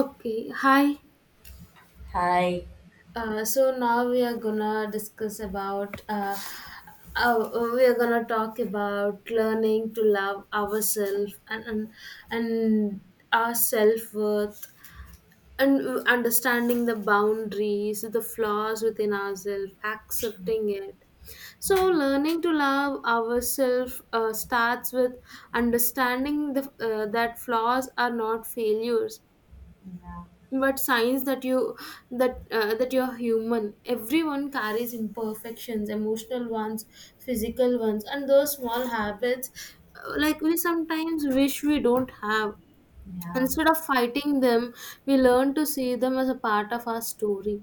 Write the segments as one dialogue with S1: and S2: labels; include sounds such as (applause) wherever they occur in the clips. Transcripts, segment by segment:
S1: Okay, hi.
S2: Hi.
S1: So now we are gonna discuss about we are gonna talk about learning to love ourselves and our self worth and understanding the boundaries, the flaws within ourselves, accepting it. So, learning to love ourselves starts with understanding that flaws are not failures
S2: Yeah.
S1: but signs that you're human. Everyone carries imperfections, emotional ones, physical ones, and those small habits like we sometimes wish we don't have.
S2: Yeah.
S1: Instead of fighting them, we learn to see them as a part of our story.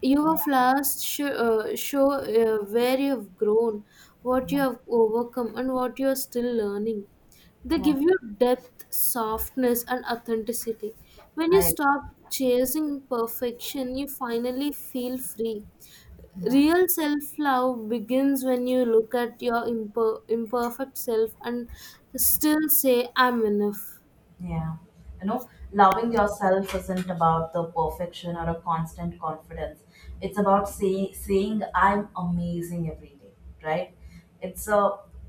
S1: Your
S2: Yeah.
S1: flaws show where you've grown, what you
S2: Yeah.
S1: have overcome, and what you are still learning. They
S2: Yeah.
S1: give you depth, softness, and authenticity. When you
S2: I.
S1: stop chasing perfection, you finally feel free.
S2: Yeah.
S1: Real self love begins when you look at your imperfect self and still say, I'm enough.
S2: Yeah. You know, loving yourself isn't about the perfection or a constant confidence. It's about saying, I'm amazing every day, right? It's a,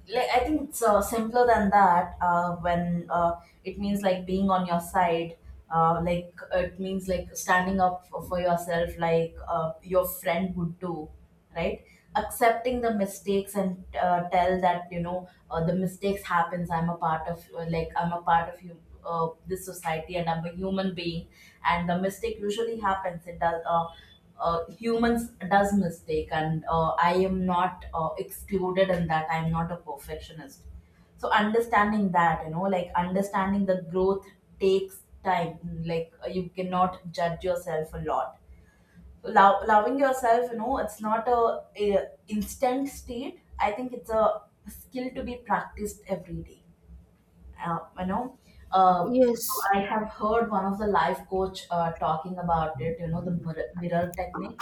S2: like, I think it's simpler than that, when, it means like being on your side. Like, it means like standing up for yourself, like your friend would do, right. Accepting the mistakes and, tell that, you know, the mistakes happens. I'm a part of, you, this society, and I'm a human being. And the mistake usually happens, it does. Humans does mistake, and I am not excluded in that. I am not a perfectionist. So understanding that, you know, like understanding the growth takes time. Like you cannot judge yourself a lot. Loving yourself, you know, it's not a instant state. I think it's a skill to be practiced every day. Uh, you know, so
S1: Yes.
S2: I have heard one of the life coach talking about it. You know, the mirror technique,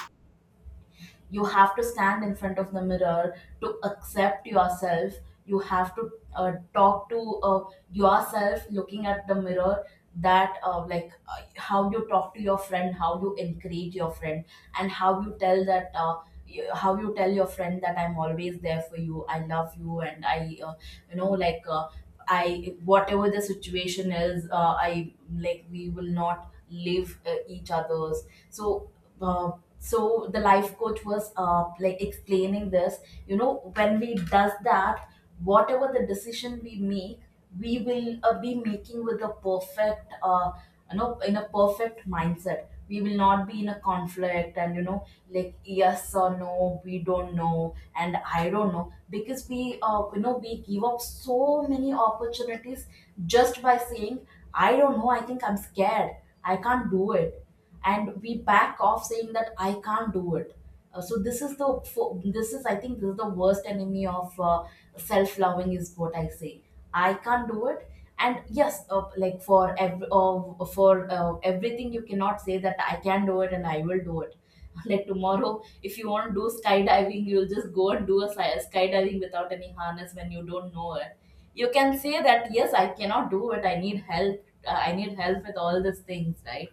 S2: you have to stand in front of the mirror to accept yourself. You have to talk to, yourself, looking at the mirror, that how you talk to your friend, how you encourage your friend, and how you tell that, how you tell your friend that I'm always there for you, I love you, and I you know like I whatever the situation is, I, like, we will not leave each other's. So uh, so the life coach was like explaining this, you know, when we does that, whatever the decision we make, we will be making with a perfect, you know, in a perfect mindset. We will not be in a conflict, and you know, like, yes or no, we don't know, and I don't know, because we, you know, we give up so many opportunities just by saying I don't know, I think I'm scared, I can't do it. And we back off saying that I can't do it. So this is this is, I think this is the worst enemy of self loving, is what I say. I can't do it. And yes, for everything, you cannot say that I can do it and I will do it. (laughs) Like tomorrow, if you want to do skydiving, you'll just go and do a skydiving without any harness when you don't know it. You can say that yes, I cannot do it. I need help. I need help with all these things, right?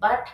S2: But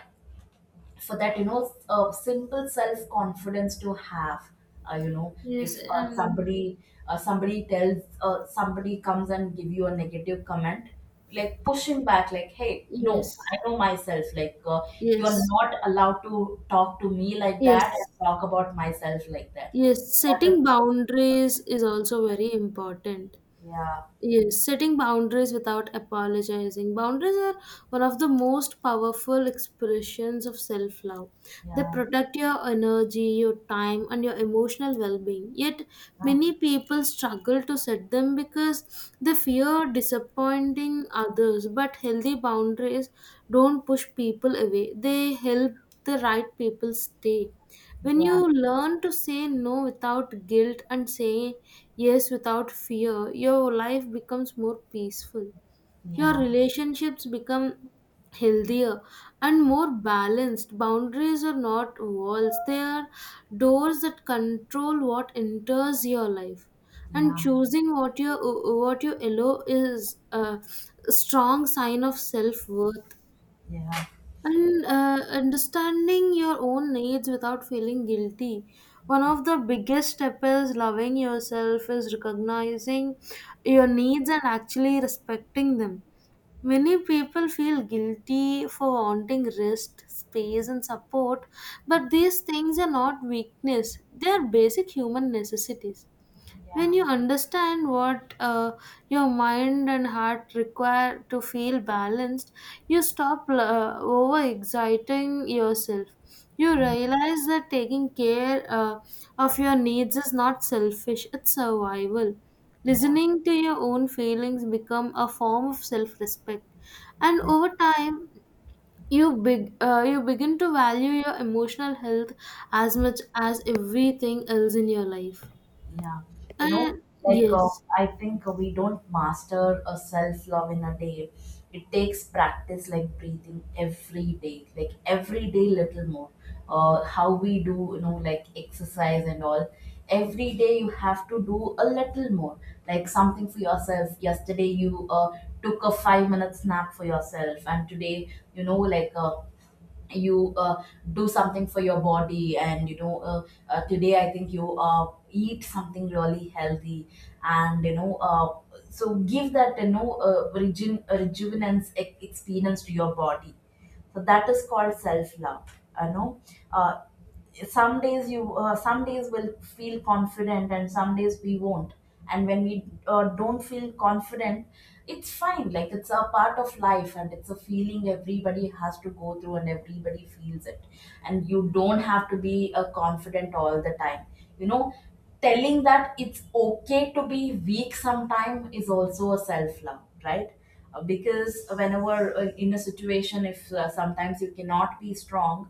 S2: for that, you know, a simple self confidence to have. You know,
S1: Yes,
S2: if uh,
S1: and
S2: somebody uh, somebody tells, somebody comes and give you a negative comment, like pushing back, like hey, no,
S1: yes,
S2: I know myself, like, you're
S1: yes,
S2: not allowed to talk to me like that and
S1: yes,
S2: talk about myself like that.
S1: yes.
S2: That is
S1: Setting
S2: what.
S1: boundaries is also very important.
S2: Yeah,
S1: Yes, setting boundaries without apologizing. Boundaries are one of the most powerful expressions of self love. They
S2: yeah,
S1: protect your energy, your time, and your emotional well being. Yet, many people struggle to set them because they fear disappointing others. But healthy boundaries don't push people away, they help the right people stay. When
S2: yeah, yeah,
S1: you learn to say no without guilt and say yes without fear, your life becomes more peaceful. Your
S2: yeah,
S1: relationships become healthier and more balanced. Boundaries are not walls, they are doors that control what enters your life. And
S2: yeah,
S1: choosing what you allow is a strong sign of self worth.
S2: yeah,
S1: And understanding your own needs without feeling guilty. One of the biggest steps is loving yourself, is recognizing your needs and actually respecting them. Many people feel guilty for wanting rest, space, and support, but these things are not weakness, they are basic human necessities.
S2: yeah,
S1: When you understand what your mind and heart require to feel balanced, you stop over exciting yourself. You realize that taking care of your needs is not selfish, it's survival.
S2: yeah,
S1: Listening to your own feelings become a form of self-respect. And
S2: yeah.
S1: over time, you begin to value your emotional health as much as everything else in your life.
S2: Yeah, you know,
S1: And
S2: like
S1: yes.
S2: I think we don't master a self love in a day. It takes practice, like breathing every day, like every day, little more. How we do, you know, like exercise and all. Every day you have to do a little more, like something for yourself. Yesterday you took a 5-minute nap for yourself, and today, you know, like, you do something for your body. And you know, today I think you eat something really healthy. And you know, so give that, you know, rejuvenance experience to your body. So that is called self love, you know. uh, some days you, some days will feel confident and some days we won't. And when we don't feel confident, it's fine, like it's a part of life, and it's a feeling everybody has to go through, and everybody feels it. And you don't have to be confident all the time, you know. Telling that it's okay to be weak sometime is also a self love, right? Because whenever, in a situation, if sometimes you cannot be strong,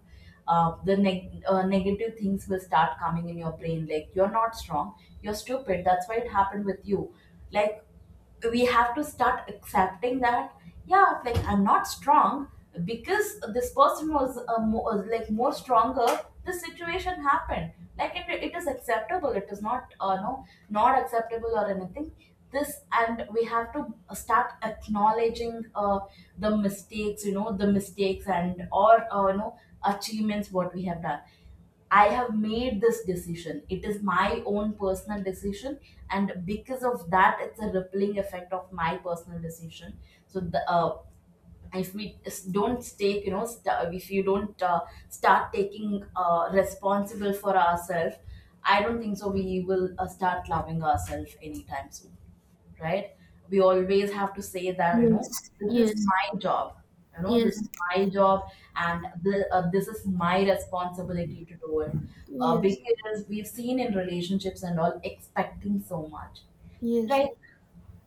S2: negative things will start coming in your brain, like you're not strong, you're stupid, that's why it happened with you. Like, we have to start accepting that, yeah, like I'm not strong, because this person was like more stronger. This situation happened. Like, it is acceptable, it is not, no, not acceptable or anything. This, and we have to start acknowledging the mistakes, you know, the mistakes and, or you know, achievements what we have done. I have made this decision. It is my own personal decision, and because of that, it's a rippling effect of my personal decision. So the and if don't take, you know, if you don't start taking responsible for ourselves, I don't think so we will start loving ourselves anytime soon, right? We always have to say that, you know,
S1: Yes,
S2: this is
S1: yes,
S2: my job, you know, this is
S1: yes,
S2: my job. And this is my responsibility to do it,
S1: Yes,
S2: because we've seen in relationships and all, expecting so much,
S1: yes,
S2: right?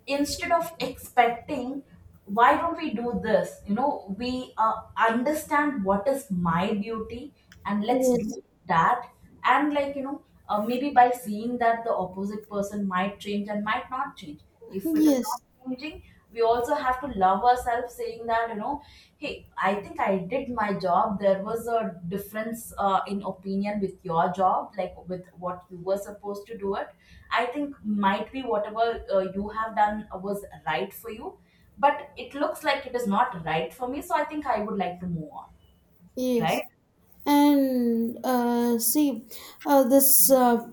S2: Instead of expecting, why don't we do this, you know, we understand what is my duty, and let's
S1: yes,
S2: do that. And like, you know, maybe by seeing that, the opposite person might change and might not change. If it is not
S1: yes,
S2: changing, we also have to love ourselves, saying that, you know, hey, I think I did my job. There was a difference in opinion with your job, like with what you were supposed to do it. I think might be whatever you have done was right for you, but it looks like it is not right for me. So I think I would like to move on,
S1: yes.
S2: right?
S1: And see, this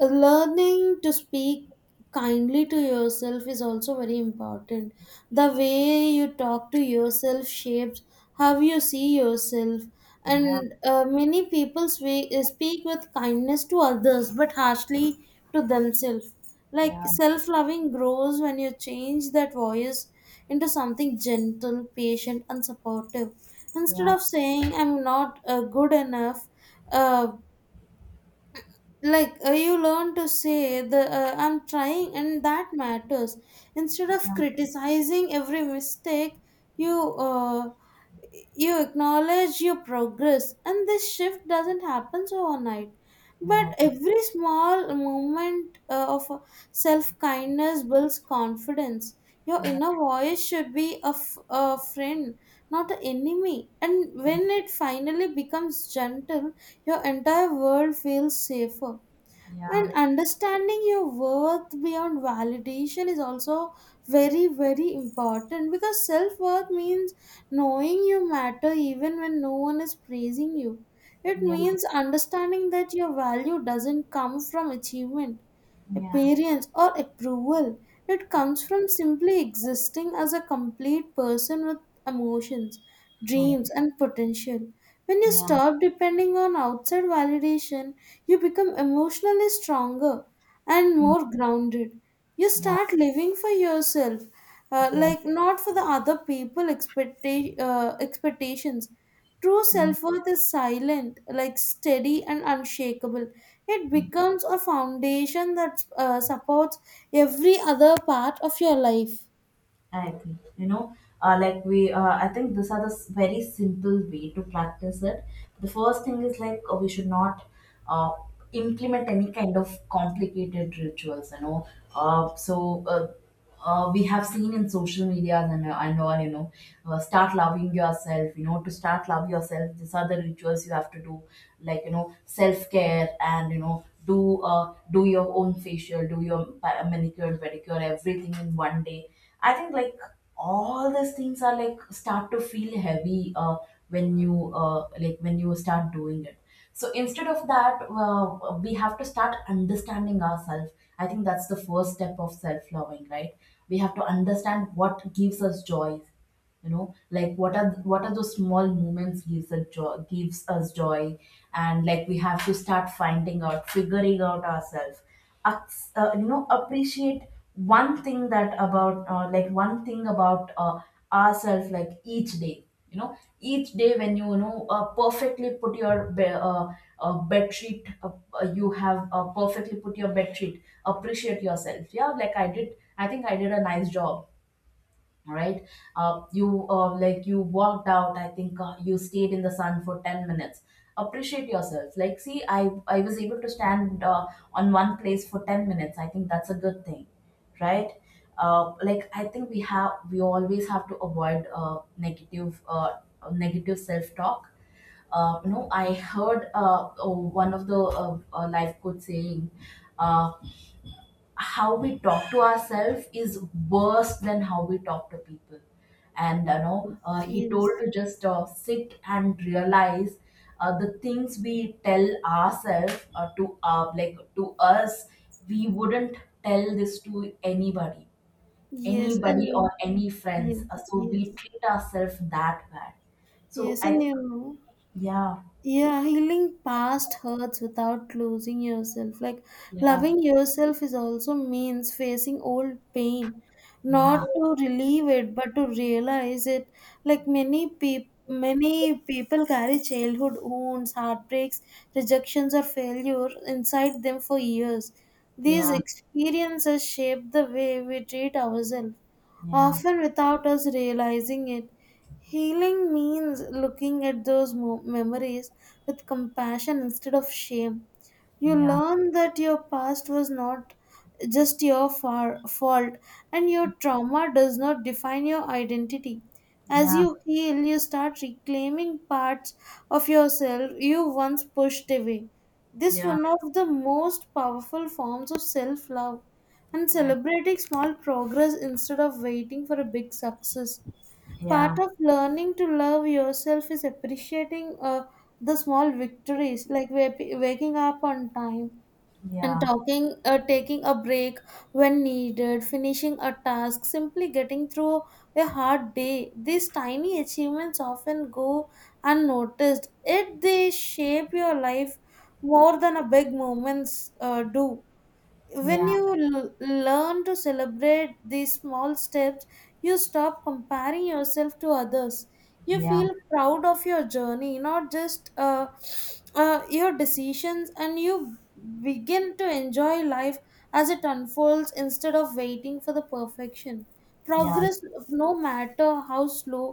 S1: learning to speak kindly to yourself is also very important. The way you talk to yourself shapes how you see yourself.
S2: Yeah,
S1: And many people speak with kindness to others but harshly to themselves. Like
S2: yeah,
S1: self loving grows when you change that voice into something gentle, patient, and supportive. Instead
S2: yeah,
S1: of saying I'm not good enough, uh you learn to say the I'm trying and that matters. Instead of
S2: yeah,
S1: criticizing every mistake, you uh, you acknowledge your progress. And this shift doesn't happen overnight, but
S2: yeah,
S1: every small moment of self kindness builds confidence. Your inner voice should be a friend, not an enemy. And when it finally becomes gentle, your entire world feels safer.
S2: yeah,
S1: And understanding your worth beyond validation is also very, very important, because self worth means knowing you matter even when no one is praising you. It
S2: yeah,
S1: means understanding that your value doesn't come from achievement,
S2: yeah,
S1: appearance, or approval. It comes from simply existing as a complete person with emotions, dreams, and potential. When you
S2: yeah,
S1: stop depending on outside validation, you become emotionally stronger and more grounded. You
S2: yeah,
S1: start living for yourself,
S2: yeah,
S1: like not for the other people' expectations. True
S2: yeah.
S1: self worth is silent, like steady and unshakable. It becomes a foundation that supports every other part of your life.
S2: I agree. You know, I think these are very simple way to practice it. The first thing is like, we should not uh, implement any kind of complicated rituals. You know, uh, so uh, we have seen in social media and, and all. You know, start loving yourself. You know, to start love yourself, these are the rituals you have to do. Like, you know, self care, and you know, do, do your own facial, do your manicure, pedicure, everything in one day. I think like all these things are like start to feel heavy when you, like when you start doing it. So instead of that, we have to start understanding ourselves. I think that's the first step of self loving, right? We have to understand what gives us joy, you know, like what are those small moments, gives a joy, gives us joy. And like, we have to start finding out, figuring out ourselves. You know, appreciate one thing that about, one thing about, ourselves, like each day, you know, each day when you know, perfectly put your bed sheet. Uh, you have, perfectly put your bed sheet. Appreciate yourself, yeah, like I did, I think I did a nice job, all right? You Like, you walked out, I think, you stayed in the sun for 10 minutes. Appreciate yourself, like see, I was able to stand on one place for 10 minutes. I think that's a good thing, right? Like, I think we always have to avoid negative self talk. You know, I heard, oh, one of the, life coach saying, uh, how we talk to ourselves is worse than how we talk to people. And you know, he told
S1: Yes,
S2: to just, sit and realize the things we tell ourselves, to like to us. We wouldn't tell this to anybody,
S1: yes,
S2: anybody
S1: and
S2: or any
S1: yes,
S2: friends. So
S1: yes,
S2: we treat ourselves that bad. So
S1: yes,
S2: I
S1: and
S2: think,
S1: you know.
S2: yeah,
S1: Yeah, healing past hurts without losing yourself. Like
S2: yeah,
S1: loving yourself is also means facing old pain,
S2: yeah,
S1: not to relieve it, but to realize it. Like many people. Many people carry childhood wounds, heartbreaks, rejections, or failure inside them for years. These
S2: yeah,
S1: experiences shape the way we treat ourselves,
S2: yeah,
S1: often without us realizing it. Healing means looking at those memories with compassion instead of shame. You
S2: yeah,
S1: learn that your past was not just your fault, and your trauma does not define your identity. As
S2: yeah,
S1: you heal, you start reclaiming parts of yourself you once pushed away. This is
S2: yeah,
S1: one of the most powerful forms of self-love. And celebrating small progress instead of waiting for a big success,
S2: yeah,
S1: part of learning to love yourself is appreciating the small victories, like waking up on time, and
S2: yeah.
S1: talking taking a break when needed, finishing a task, simply getting through a hard day. These tiny achievements often go unnoticed, yet they shape your life more than a big moments do. When
S2: Yeah,
S1: you learn to celebrate these small steps, you stop comparing yourself to others. You
S2: yeah,
S1: feel proud of your journey, not just your decisions. And you begin to enjoy life as it unfolds instead of waiting for the perfection.
S2: yeah,
S1: Progress, no matter how slow,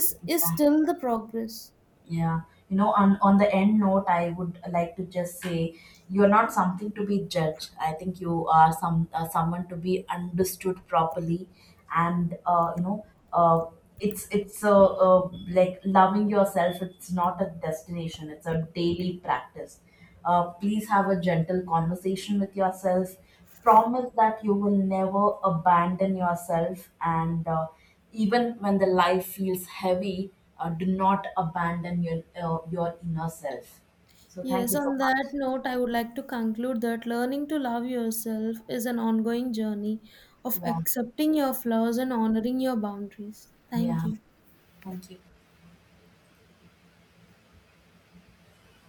S1: is still the progress.
S2: yeah. You know, on the end note, I would like to just say, you're not something to be judged. I think you are some, someone to be understood properly, and uh, it's like, loving yourself, it's not a destination, it's a daily practice. Please have a gentle conversation with yourself. Promise that you will never abandon yourself. And even when the life feels heavy, do not abandon your, your inner self. So thank
S1: Yes,
S2: you so
S1: on
S2: much.
S1: that note, I would like to conclude that learning to love yourself is an ongoing journey of
S2: Yeah.
S1: accepting your flaws and honoring your boundaries. Thank
S2: Yeah.
S1: you.
S2: Thank you.